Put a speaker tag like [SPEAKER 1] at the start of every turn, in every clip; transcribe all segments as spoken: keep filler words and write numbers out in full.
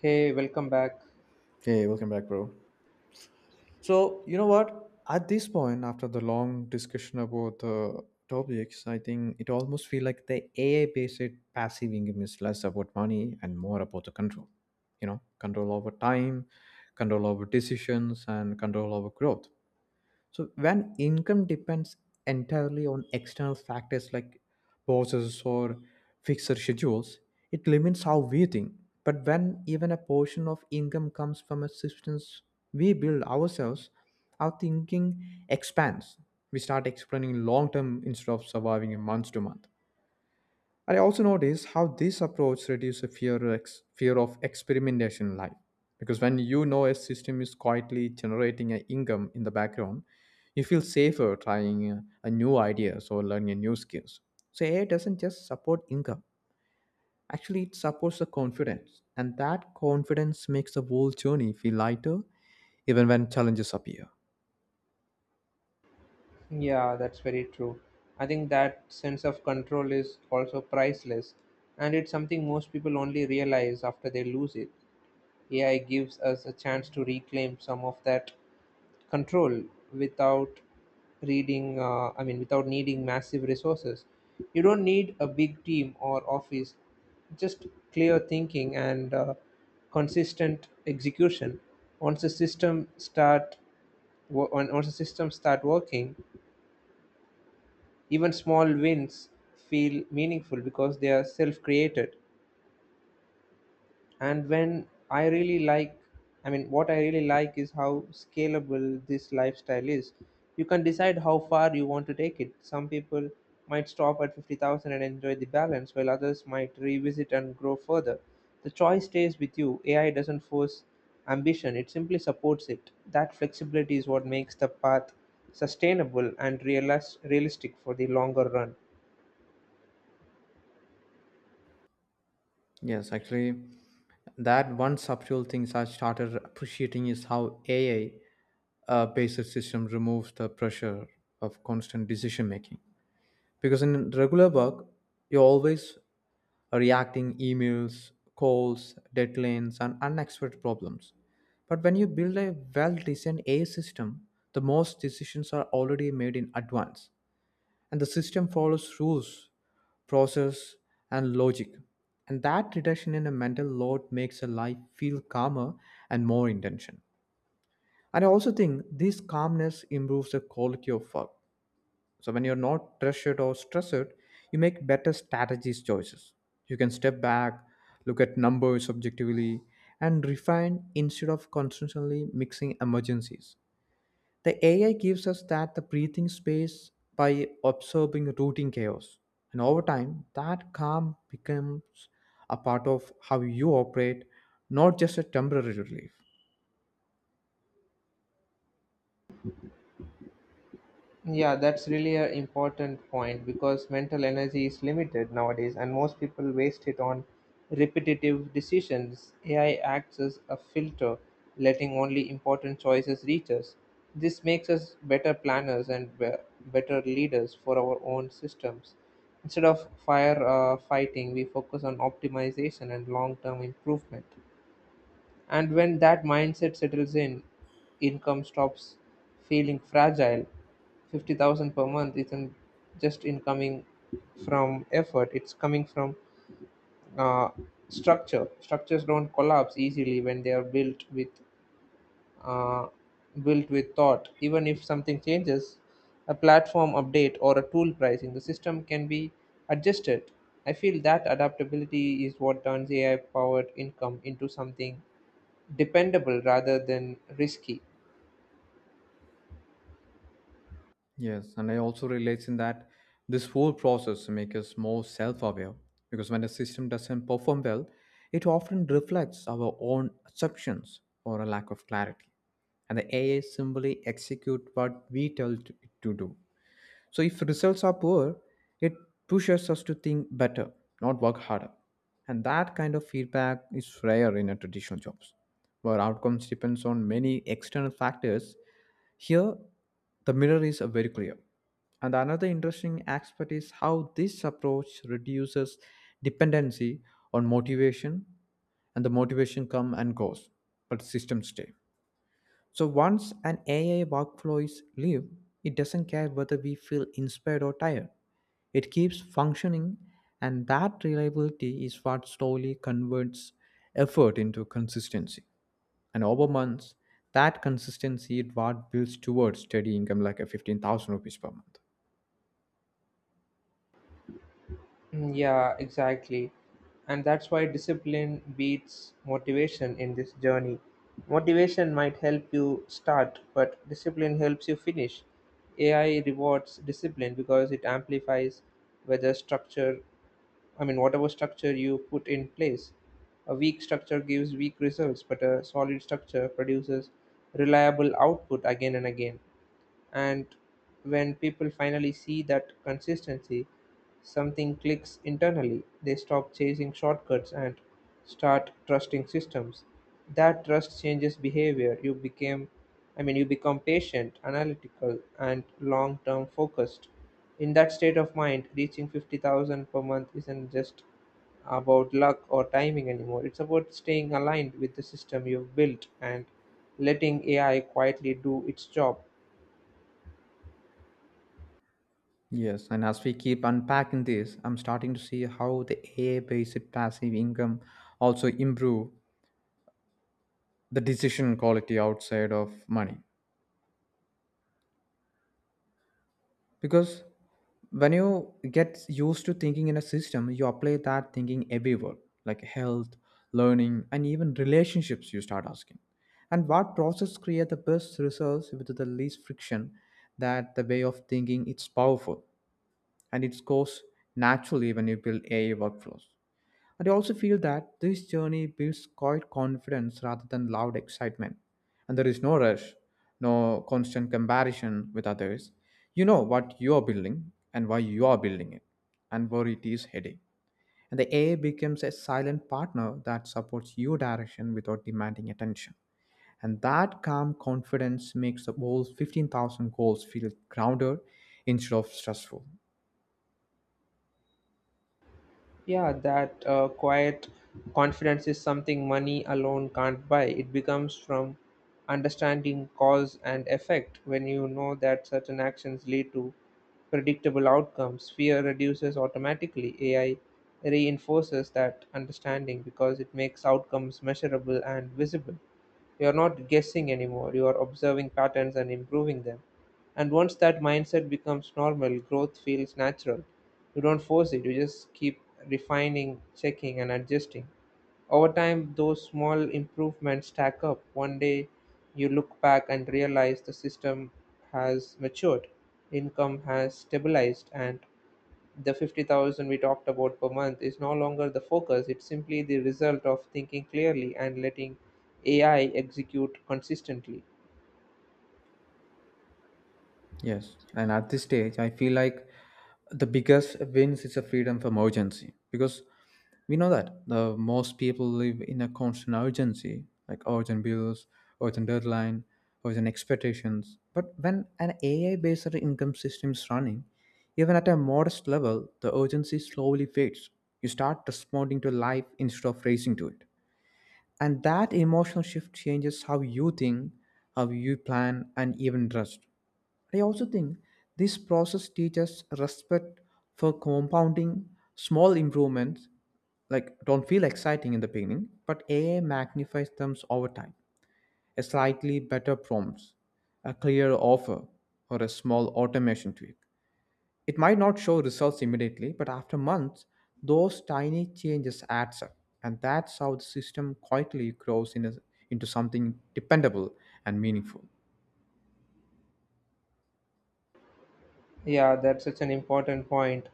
[SPEAKER 1] Hey, welcome back.
[SPEAKER 2] Hey, welcome back, bro. So, you know what? At this point, after the long discussion about the topics, I think it almost feel like the A I-based passive income is less about money and more about the control. You know, control over time, control over decisions, and control over growth. So when income depends entirely on external factors like bosses or fixed schedules, it limits how we think. But when even a portion of income comes from a systems we build ourselves, our thinking expands. We start explaining long term instead of surviving in month to month. I also notice how this approach reduces fear, of ex- fear of experimentation in life. Because when you know a system is quietly generating an income in the background, you feel safer trying uh, a new ideas or learning new skills. So A I doesn't just support income. Actually, it supports the confidence. And that confidence makes the whole journey feel lighter even when challenges appear.
[SPEAKER 1] Yeah, that's very true. I think that sense of control is also priceless, and it's something most people only realize after they lose it. A I gives us a chance to reclaim some of that control without reading, uh, I mean, without needing massive resources. You don't need a big team or office, just clear thinking and uh, consistent execution. Once the system start wo- on- Once the systems start working, even small wins feel meaningful because they are self-created. And when I really like, I mean, what I really like is how scalable this lifestyle is. You can decide how far you want to take it. Some people might stop at fifty thousand and enjoy the balance, while others might revisit and grow further. The choice stays with you. A I doesn't force ambition, it simply supports it. That flexibility is what makes the path sustainable and realis- realistic for the longer run.
[SPEAKER 2] Yes, actually, that one subtle things I started appreciating is how A I uh, based system removes the pressure of constant decision making. Because in regular work, you're always reacting emails, calls, deadlines, and unexpected problems. But when you build a well-designed A I system, the most decisions are already made in advance and the system follows rules, process, and logic. And that reduction in a mental load makes a life feel calmer and more intention. And I also think this calmness improves the quality of work. So when you're not pressured or stressed, you make better strategies choices. You can step back, look at numbers objectively, and refine instead of constantly mixing emergencies. The A I gives us that the breathing space by observing routine chaos. And over time, that calm becomes a part of how you operate, not just a temporary relief.
[SPEAKER 1] Yeah, that's really an important point because mental energy is limited nowadays, and most people waste it on repetitive decisions. A I acts as a filter, letting only important choices reach us. This makes us better planners and be- better leaders for our own systems. Instead of fire uh, fighting, we focus on optimization and long term improvement. And when that mindset settles in, income stops feeling fragile. fifty thousand per month isn't just incoming from effort, it's coming from uh, structure. Structures don't collapse easily when they are built with uh, built with thought. Even if something changes, a platform update or a tool pricing, the system can be adjusted. I feel that adaptability is what turns A I powered income into something dependable rather than risky.
[SPEAKER 2] Yes, and I also relate in that this whole process makes us more self aware because when a system doesn't perform well, it often reflects our own assumptions or a lack of clarity. And the A I simply execute what we tell it to do. So if results are poor, it pushes us to think better, not work harder. And that kind of feedback is rare in a traditional jobs, where outcomes depends on many external factors. Here, the mirror is uh, very clear. And another interesting aspect is how this approach reduces dependency on motivation, and the motivation come and goes, but systems stay. So once an A I workflow is live, it doesn't care whether we feel inspired or tired. It keeps functioning, and that reliability is what slowly converts effort into consistency. And over months, that consistency is what builds towards steady income like a fifteen thousand rupees per month.
[SPEAKER 1] Mm, Yeah, exactly. And that's why discipline beats motivation in this journey. Motivation might help you start, but discipline helps you finish. A I rewards discipline because it amplifies whether structure, I mean, whatever structure you put in place. A weak structure gives weak results, but a solid structure produces reliable output again and again. And when people finally see that consistency, something clicks internally. They stop chasing shortcuts and start trusting systems. That trust changes behavior. You became i mean you become patient, analytical, and long term focused. In that state of mind, reaching fifty thousand per month isn't just about luck or timing anymore. It's about staying aligned with the system you've built and letting AI quietly do its job.
[SPEAKER 2] Yes, and as we keep unpacking this, I'm starting to see how the A I-based passive income also improve the decision quality outside of money. Because when you get used to thinking in a system, you apply that thinking everywhere, like health, learning, and even relationships. You start asking and what process create the best results with the least friction. That the way of thinking, it's powerful, and it goes naturally when you build AI workflows. And I also feel that this journey builds quiet confidence rather than loud excitement. And there is no rush, no constant comparison with others. You know what you are building and why you are building it and where it is heading. And the A I becomes a silent partner that supports your direction without demanding attention. And that calm confidence makes the whole fifteen thousand goals feel grounded instead of stressful.
[SPEAKER 1] Yeah, that uh, quiet confidence is something money alone can't buy. It becomes from understanding cause and effect. When you know that certain actions lead to predictable outcomes, fear reduces automatically. A I reinforces that understanding because it makes outcomes measurable and visible. You're not guessing anymore, you are observing patterns and improving them. And once that mindset becomes normal, growth feels natural. You don't force it, you just keep refining, checking, and adjusting. Over time, those small improvements stack up. One day, you look back and realize the system has matured, income has stabilized, and the fifty thousand we talked about per month is no longer the focus. It's simply the result of thinking clearly and letting A I execute consistently.
[SPEAKER 2] Yes, and at this stage, I feel like the biggest wins is a freedom from urgency because we know that the most people live in a constant urgency, like urgent bills, urgent deadline, urgent expectations. But when an A I-based income system is running, even at a modest level, the urgency slowly fades. You start responding to life instead of racing to it, and that emotional shift changes how you think, how you plan, and even trust. I also think this process teaches respect for compounding small improvements, like don't feel exciting in the beginning, but A I magnifies them over time. A slightly better prompts, a clear offer, or a small automation tweak. It might not show results immediately, but after months, those tiny changes adds up. And that's how the system quietly grows in a- into something dependable and meaningful.
[SPEAKER 1] Yeah, that's such an important point.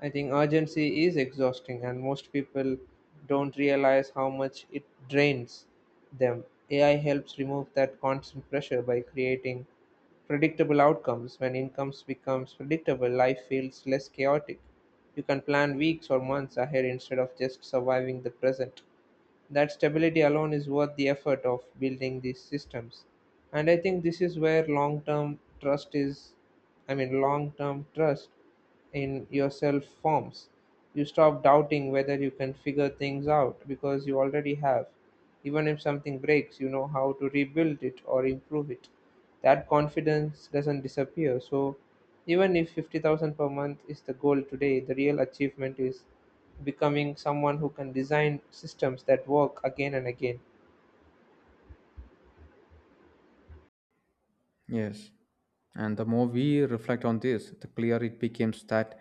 [SPEAKER 1] I think urgency is exhausting, and most people don't realize how much it drains them. A I helps remove that constant pressure by creating predictable outcomes. When incomes becomes predictable, life feels less chaotic. You can plan weeks or months ahead instead of just surviving the present. That stability alone is worth the effort of building these systems. And I think this is where long term trust is i mean long term trust in yourself forms. You stop doubting whether you can figure things out because you already have. Even if something breaks, you know how to rebuild it or improve it. That confidence doesn't disappear. So, even if fifty thousand per month is the goal today, the real achievement is becoming someone who can design systems that work again and again.
[SPEAKER 2] Yes. And the more we reflect on this, the clearer it becomes that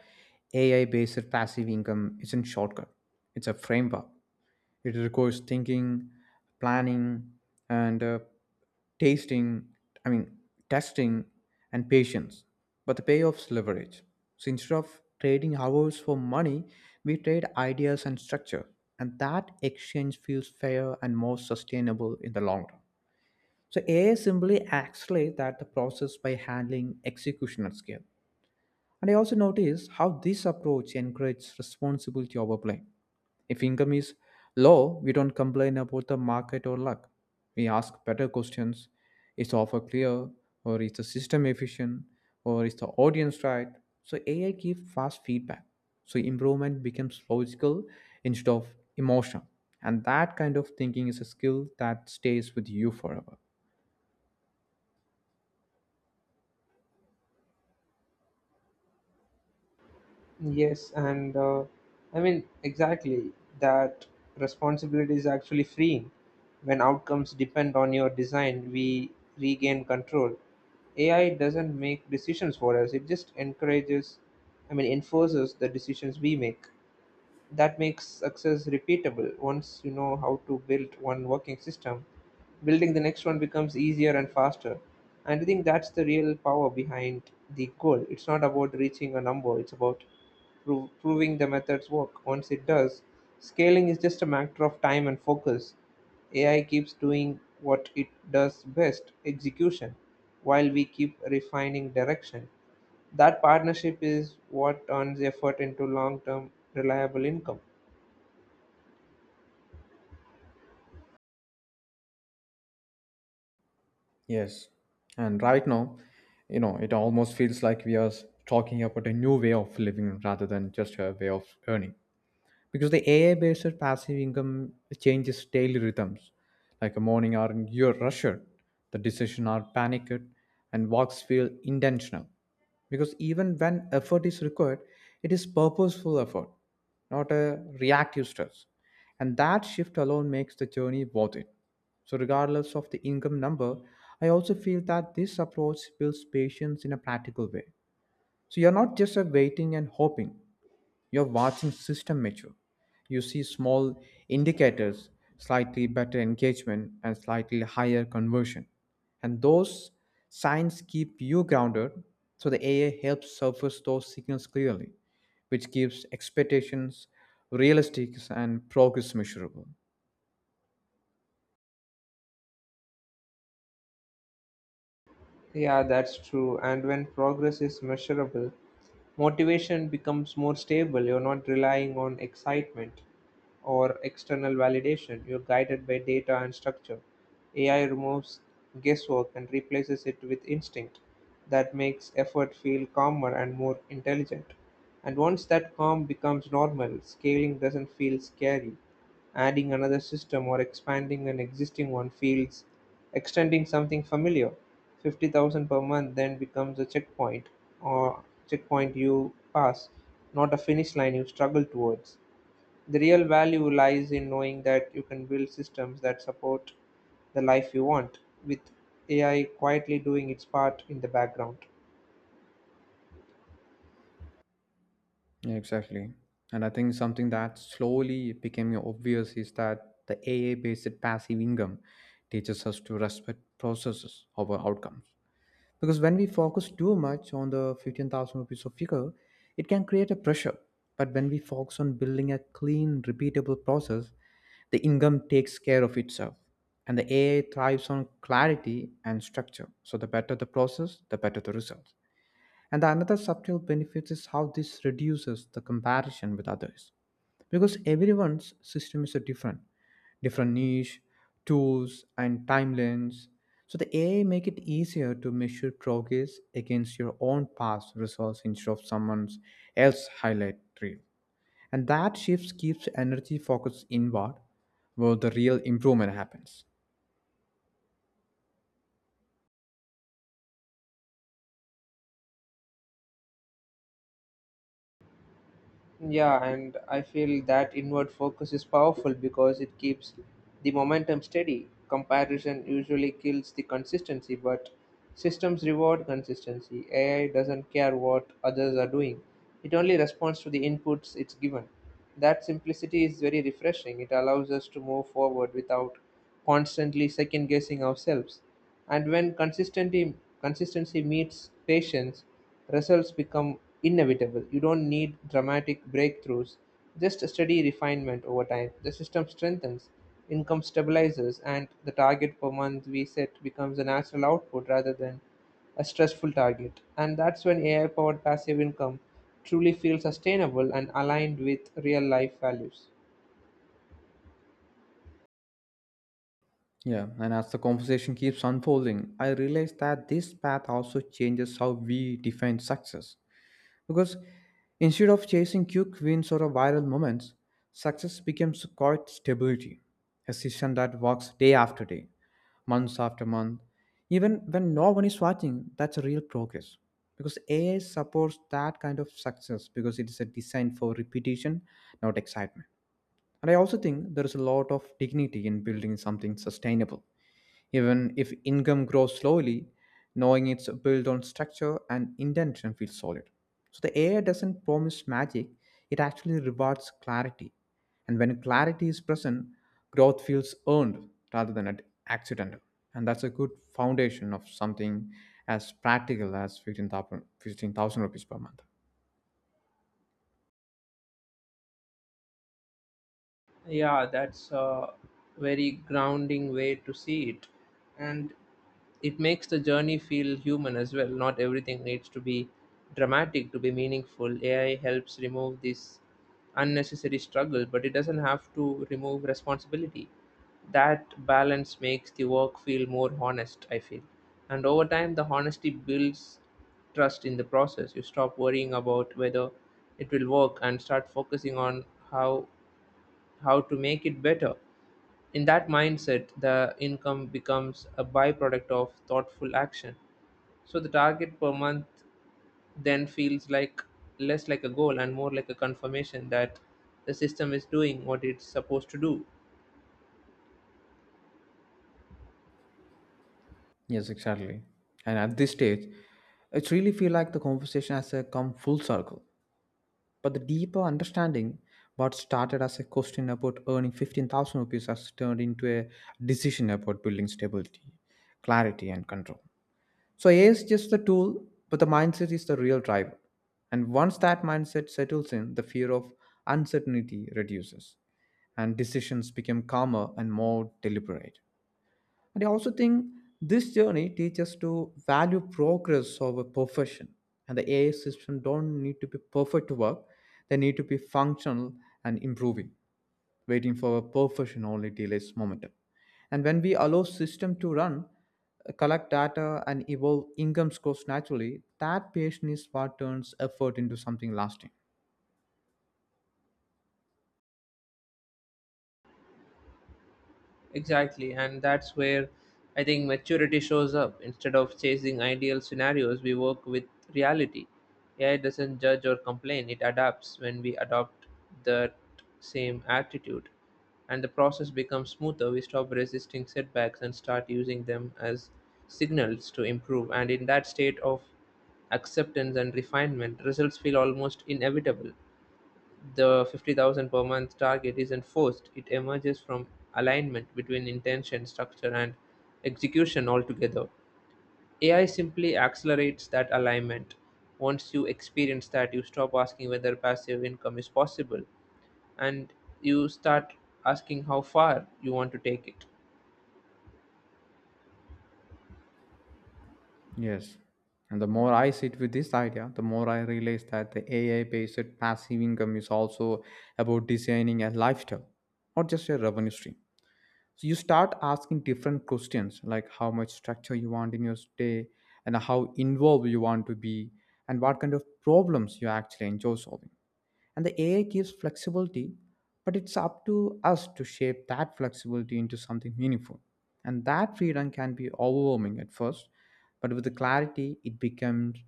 [SPEAKER 2] A I based passive income isn't shortcut. It's a framework. It requires thinking, planning, and uh, tasting, I mean, testing and patience. But the payoff's leverage. So instead of trading hours for money, we trade ideas and structure. And that exchange feels fair and more sustainable in the long run. So A I simply accelerates that the process by handling execution at scale. And I also notice how this approach encourages responsibility over blame. If income is low, we don't complain about the market or luck. We ask better questions. Is the offer clear? Or is the system efficient? Or is the audience right? So A I gives fast feedback. So improvement becomes logical instead of emotional. And that kind of thinking is a skill that stays with you forever.
[SPEAKER 1] Yes, and uh, I mean, exactly that responsibility is actually freeing. When outcomes depend on your design, we regain control. A I doesn't make decisions for us, it just encourages, I mean, enforces the decisions we make. That makes success repeatable. Once you know how to build one working system, building the next one becomes easier and faster. And I think that's the real power behind the goal. It's not about reaching a number, it's about pro- proving the methods work. Once it does, scaling is just a matter of time and focus. AI keeps doing what it does best, execution, while we keep refining direction. That partnership is what turns effort into long term, reliable income.
[SPEAKER 2] Yes. And right now, you know, it almost feels like we are talking about a new way of living rather than just a way of earning because the A I based passive income changes daily rhythms. Like a morning are you're rushed, the decision are panicked, and walks feel intentional. Because even when effort is required, it is purposeful effort, not a reactive stress. And that shift alone makes the journey worth it. So, regardless of the income number, I also feel that this approach builds patience in a practical way. So, you're not just a waiting and hoping, you're watching system mature. You see small indicators, slightly better engagement, and slightly higher conversion. And those signs keep you grounded, so the A I helps surface those signals clearly, which keeps expectations realistic and progress measurable.
[SPEAKER 1] Yeah, that's true. And when progress is measurable, motivation becomes more stable. You're not relying on excitement or external validation. You're guided by data and structure. A I removes guesswork and replaces it with instinct. That makes effort feel calmer and more intelligent. And once that calm becomes normal, scaling doesn't feel scary. Adding another system or expanding an existing one feels extending something familiar. Fifty thousand per month then becomes a checkpoint or checkpoint you pass, not a finish line you struggle towards. The real value lies in knowing that you can build systems that support the life you want, with A I quietly doing its part in the background.
[SPEAKER 2] Yeah, exactly. And I think something that slowly became obvious is that the AI based passive income teaches us to respect processes over outcomes. Because when we focus too much on the fifteen thousand rupees of figure, it can create a pressure. But when we focus on building a clean, repeatable process, the income takes care of itself. And the A I thrives on clarity and structure. So the better the process, the better the results. And the another subtle benefit is how this reduces the comparison with others because everyone's system is a different different niche, tools, and timelines. So the AI make it easier to measure progress against your own past results instead of someone else highlight reel. And that shift keeps energy focused inward where the real improvement happens.
[SPEAKER 1] Yeah, and I feel that inward focus is powerful because it keeps the momentum steady. Comparison usually kills the consistency, but systems reward consistency. A I doesn't care what others are doing, it only responds to the inputs it's given. That simplicity is very refreshing. It allows us to move forward without constantly second guessing ourselves. And when consistency consistency meets patience, results become inevitable. You don't need dramatic breakthroughs, just a steady refinement over time. The system strengthens, income stabilizes, and the target per month we set becomes a natural output rather than a stressful target. And that's when A I powered passive income truly feels sustainable and aligned with real life values.
[SPEAKER 2] Yeah, and as the conversation keeps unfolding, I realize that this path also changes how we define success. Because instead of chasing quick wins or viral moments, success becomes quite stability, a system that works day after day, months after month, even when no one is watching. That's a real progress. Because A I supports that kind of success because it is a design for repetition, not excitement. And I also think there is a lot of dignity in building something sustainable even if income grows slowly, knowing it's built on structure and intention feels solid. So the A I doesn't promise magic, it actually rewards clarity. And when clarity is present, growth feels earned rather than at accidental. And that's a good foundation of something as practical as fifteen thousand fifteen thousand rupees per month.
[SPEAKER 1] Yeah, that's a very grounding way to see it. And it makes the journey feel human as well. Not everything needs to be dramatic to be meaningful. A I helps remove this unnecessary struggle, but it doesn't have to remove responsibility. That balance makes the work feel more honest, I feel. And over time, the honesty builds trust in the process. You stop worrying about whether it will work and start focusing on how how to make it better. In that mindset, the income becomes a byproduct of thoughtful action. So the target per month then feels like less like a goal and more like a confirmation that the system is doing what it's supposed to do.
[SPEAKER 2] Yes, exactly. And at this stage, it really feel like the conversation has uh, come full circle. But the deeper understanding, what started as a question about earning fifteen thousand rupees has turned into a decision about building stability, clarity, and control. So, A I is just the tool, but the mindset is the real driver. And once that mindset settles in, the fear of uncertainty reduces, and decisions become calmer and more deliberate. And I also think this journey teaches us to value progress over perfection. And the A I system don't need to be perfect to work. They need to be functional and improving. Waiting for a perfection only delays momentum. And when we allow system to run, uh, collect data and evolve income scores naturally, that patience is what turns effort into something lasting.
[SPEAKER 1] Exactly, and that's where I think maturity shows up. Instead of chasing ideal scenarios, we work with reality. A I doesn't judge or complain, it adapts when we adopt that same attitude. And the process becomes smoother. We stop resisting setbacks and start using them as signals to improve. And in that state of acceptance and refinement, results feel almost inevitable. The fifty thousand per month target is enforced; it emerges from alignment between intention, structure, and execution altogether. A I simply accelerates that alignment. Once you experience that, you stop asking whether passive income is possible and you start asking how far you want to take it.
[SPEAKER 2] Yes. And the more I sit with this idea, the more I realize that the A I based passive income is also about designing a lifestyle, not just a revenue stream. So you start asking different questions like how much structure you want in your day and how involved you want to be and what kind of problems you actually enjoy solving. And the A I gives flexibility, but it's up to us to shape that flexibility into something meaningful. And that freedom can be overwhelming at first, but with the clarity, it becomes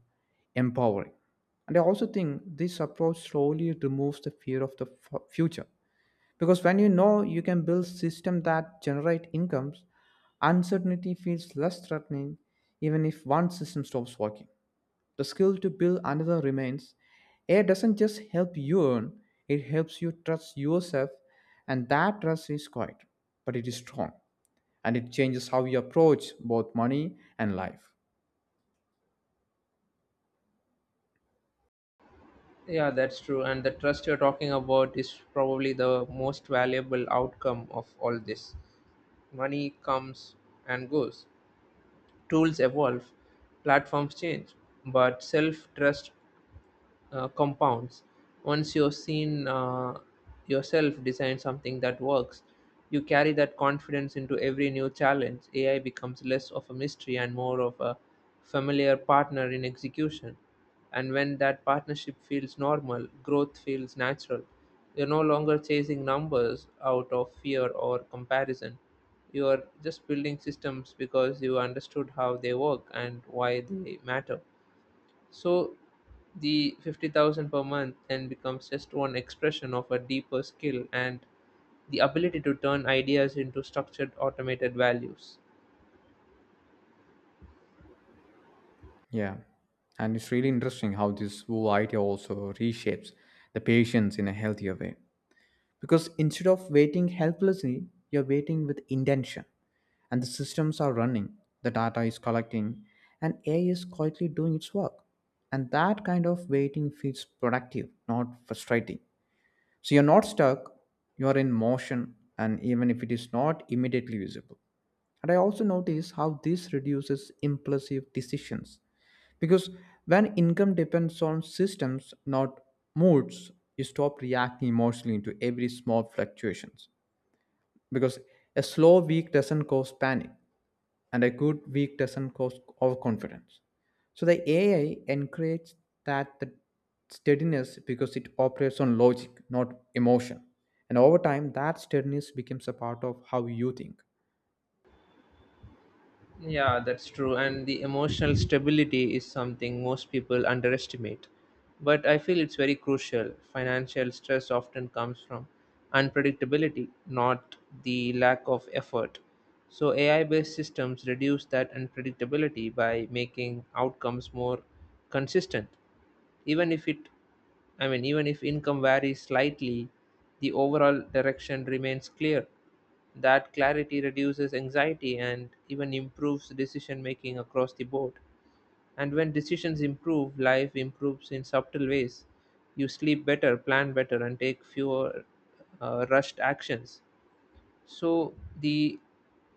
[SPEAKER 2] empowering. And I also think this approach slowly removes the fear of the fu- future. Because when you know you can build systems that generate incomes, uncertainty feels less threatening even if one system stops working. The skill to build another remains. A I doesn't just help you earn, it helps you trust yourself, and that trust is quiet, but it is strong, and it changes how you approach both money and life.
[SPEAKER 1] Yeah, that's true. And the trust you're talking about is probably the most valuable outcome of all this. Money comes and goes, tools evolve, platforms change, but self trust uh, compounds. Once you've seen uh, yourself design something that works, you carry that confidence into every new challenge. A I becomes less of a mystery and more of a familiar partner in execution. And when that partnership feels normal, growth feels natural. You're no longer chasing numbers out of fear or comparison. You are just building systems because you understood how they work and why they matter. So the fifty thousand per month then becomes just one expression of a deeper skill and the ability to turn ideas into structured automated values.
[SPEAKER 2] Yeah, and it's really interesting how this whole idea also reshapes the patience in a healthier way. Because instead of waiting helplessly, you're waiting with intention. And the systems are running, the data is collecting, and A I is quietly doing its work. And that kind of waiting feels productive, not frustrating. So you're not stuck, you're in motion, and even if it is not immediately visible. And I also notice how this reduces impulsive decisions. Because when income depends on systems, not moods, you stop reacting emotionally to every small fluctuations. Because a slow week doesn't cause panic and a good week doesn't cause overconfidence. So the A I encourages that the steadiness because it operates on logic, not emotion. And over time, that steadiness becomes a part of how you think.
[SPEAKER 1] Yeah, that's true. And the emotional stability is something most people underestimate. But I feel it's very crucial. Financial stress often comes from unpredictability, not the lack of effort. So, A I based systems reduce that unpredictability by making outcomes more consistent. Even if it I mean, even if income varies slightly, the overall direction remains clear. That clarity reduces anxiety and even improves decision making across the board. And when decisions improve, life improves in subtle ways. You sleep better, plan better, and take fewer uh, rushed actions. So the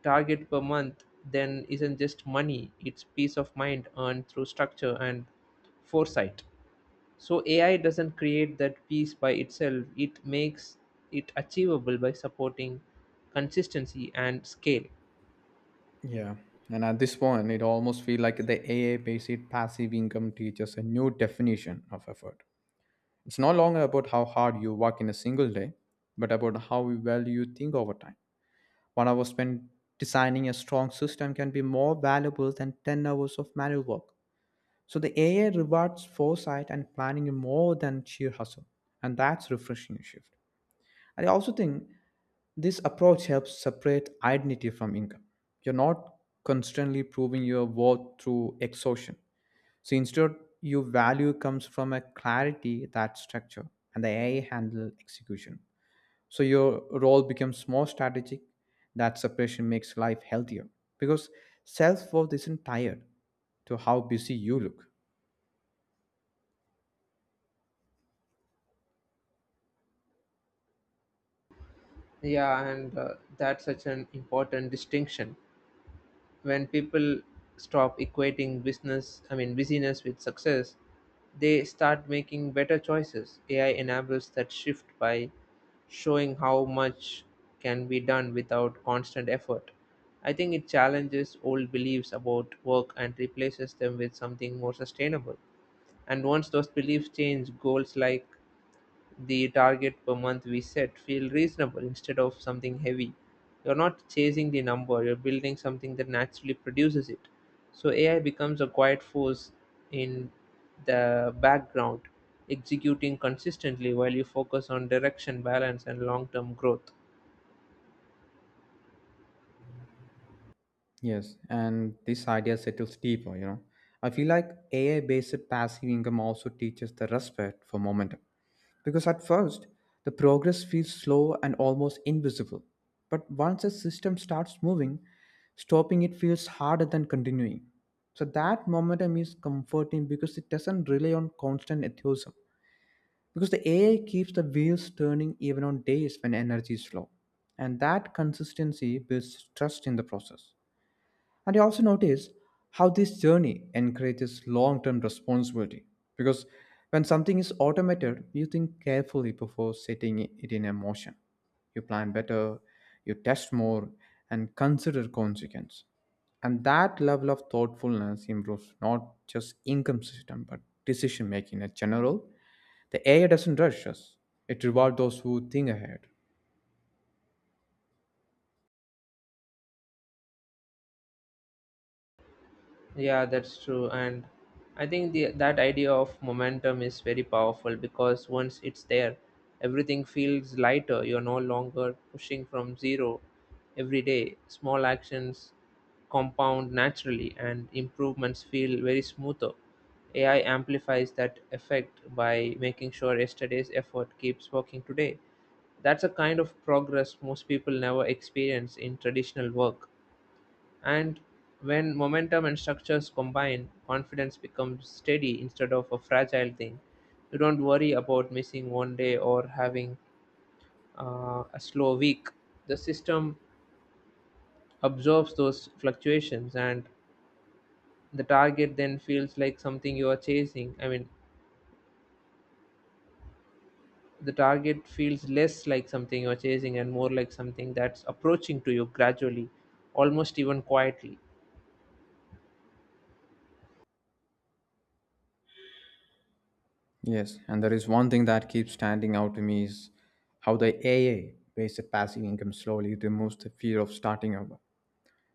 [SPEAKER 1] target per month then isn't just money, it's peace of mind earned through structure and foresight. So A I doesn't create that piece by itself, it makes it achievable by supporting consistency and scale.
[SPEAKER 2] Yeah. And at this point, it almost feels like the A I-based passive income teaches a new definition of effort. It's no longer about how hard you work in a single day, but about how well you think over time. One hour spent designing a strong system can be more valuable than ten hours of manual work. So the A I rewards foresight and planning more than sheer hustle. And that's refreshing shift. I also think this approach helps separate identity from income. You're not constantly proving your worth through exhaustion. So instead, your value comes from a clarity that structure and the A I handle execution, so your role becomes more strategic. That separation makes life healthier because self-worth isn't tied to how busy you look.
[SPEAKER 1] Yeah, and uh, that's such an important distinction. When people stop equating business I mean busyness with success, they start making better choices. AI enables that shift by showing how much can be done without constant effort. I think it challenges old beliefs about work and replaces them with something more sustainable. And once those beliefs change, goals like the target per month we set feel reasonable instead of something heavy. You're not chasing the number, you're building something that naturally produces it. So A I becomes a quiet force in the background, executing consistently while you focus on direction, balance, and long term growth.
[SPEAKER 2] Yes, and this idea settles deeper, you know I feel like AI based passive income also teaches the respect for momentum. Because at first, the progress feels slow and almost invisible. But once a system starts moving, stopping it feels harder than continuing. So that momentum is comforting because it doesn't rely on constant enthusiasm. Because the A I keeps the wheels turning even on days when energy is low. And that consistency builds trust in the process. And I also notice how this journey encourages long term responsibility because when something is automated, you think carefully before setting it in a motion. You plan better, you test more, and consider consequence. And that level of thoughtfulness improves not just income system but decision making in general. The A I doesn't rush us; it rewards those who think ahead.
[SPEAKER 1] Yeah, that's true. And I think the that idea of momentum is very powerful because once it's there, everything feels lighter. You're no longer pushing from zero every day. Small actions compound naturally and improvements feel very smoother. A I amplifies that effect by making sure yesterday's effort keeps working today. That's a kind of progress most people never experience in traditional work. And when momentum and structures combine, confidence becomes steady instead of a fragile thing. You don't worry about missing one day or having uh, a slow week. The system absorbs those fluctuations, and the target then feels like something you are chasing. I mean, the target feels less like something you're chasing and more like something that's approaching to you gradually, almost even quietly.
[SPEAKER 2] Yes, and there is one thing that keeps standing out to me is how the A A based passive income slowly removes the fear of starting over.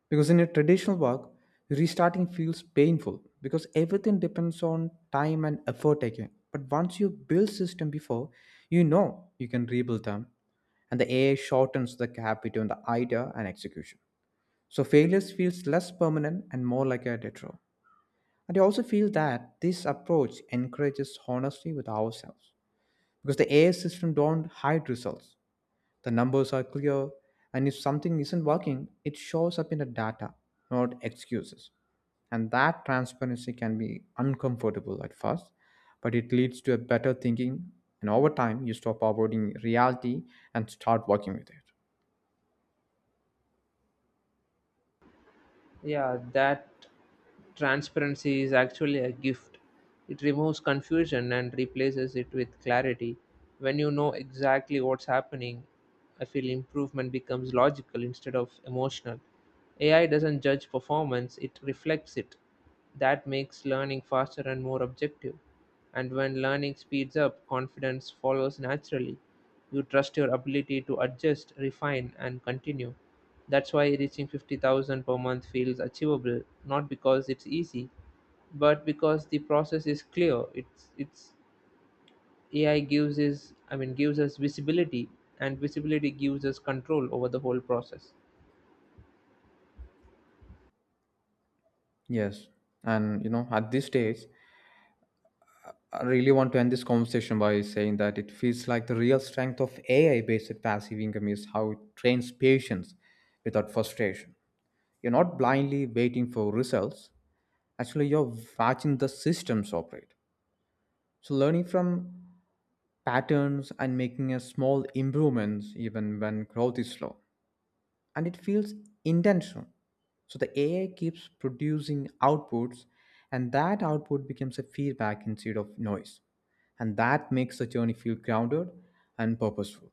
[SPEAKER 2] Because in a traditional work, restarting feels painful because everything depends on time and effort again. But once you build system before, you know you can rebuild them, and the A A shortens the gap between the idea and execution. So failures feels less permanent and more like a detour. And I also feel that this approach encourages honesty with ourselves because the A I system don't hide results. The numbers are clear, and if something isn't working, it shows up in the data, not excuses. And that transparency can be uncomfortable at first, but it leads to a better thinking, and over time, you stop avoiding reality and start working with it.
[SPEAKER 1] Yeah, that transparency is actually a gift. It removes confusion and replaces it with clarity. When you know exactly what's happening, I feel improvement becomes logical instead of emotional. A I doesn't judge performance, it reflects it. That makes learning faster and more objective. And when learning speeds up, confidence follows naturally. You trust your ability to adjust, refine, and continue. That's why reaching fifty thousand per month feels achievable, not because it's easy, but because the process is clear. It's it's A I gives is I mean gives us visibility, and visibility gives us control over the whole process.
[SPEAKER 2] Yes, and you know, at this stage, I really want to end this conversation by saying that it feels like the real strength of A I based passive income is how it trains patience without frustration. You're not blindly waiting for results. Actually, you're watching the systems operate. So, learning from patterns and making a small improvements even when growth is slow. And it feels intentional. So, the A I keeps producing outputs, and that output becomes a feedback instead of noise. And that makes the journey feel grounded and purposeful.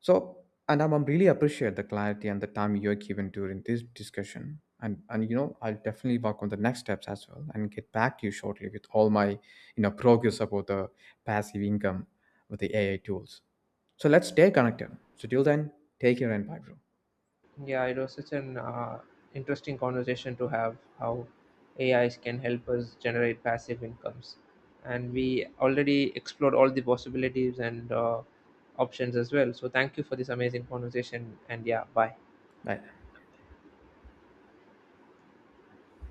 [SPEAKER 2] So, and I'm, I'm really appreciate the clarity and the time you're given during this discussion. And, and you know, I'll definitely work on the next steps as well and get back to you shortly with all my, you know, progress about the passive income with the A I tools. So let's stay connected. So till then, take care and bye, bro.
[SPEAKER 1] Yeah, it was such an uh, interesting conversation to have how A Is can help us generate passive incomes. And we already explored all the possibilities and uh, options as well. So, thank you for this amazing conversation. And yeah, bye.
[SPEAKER 2] Bye.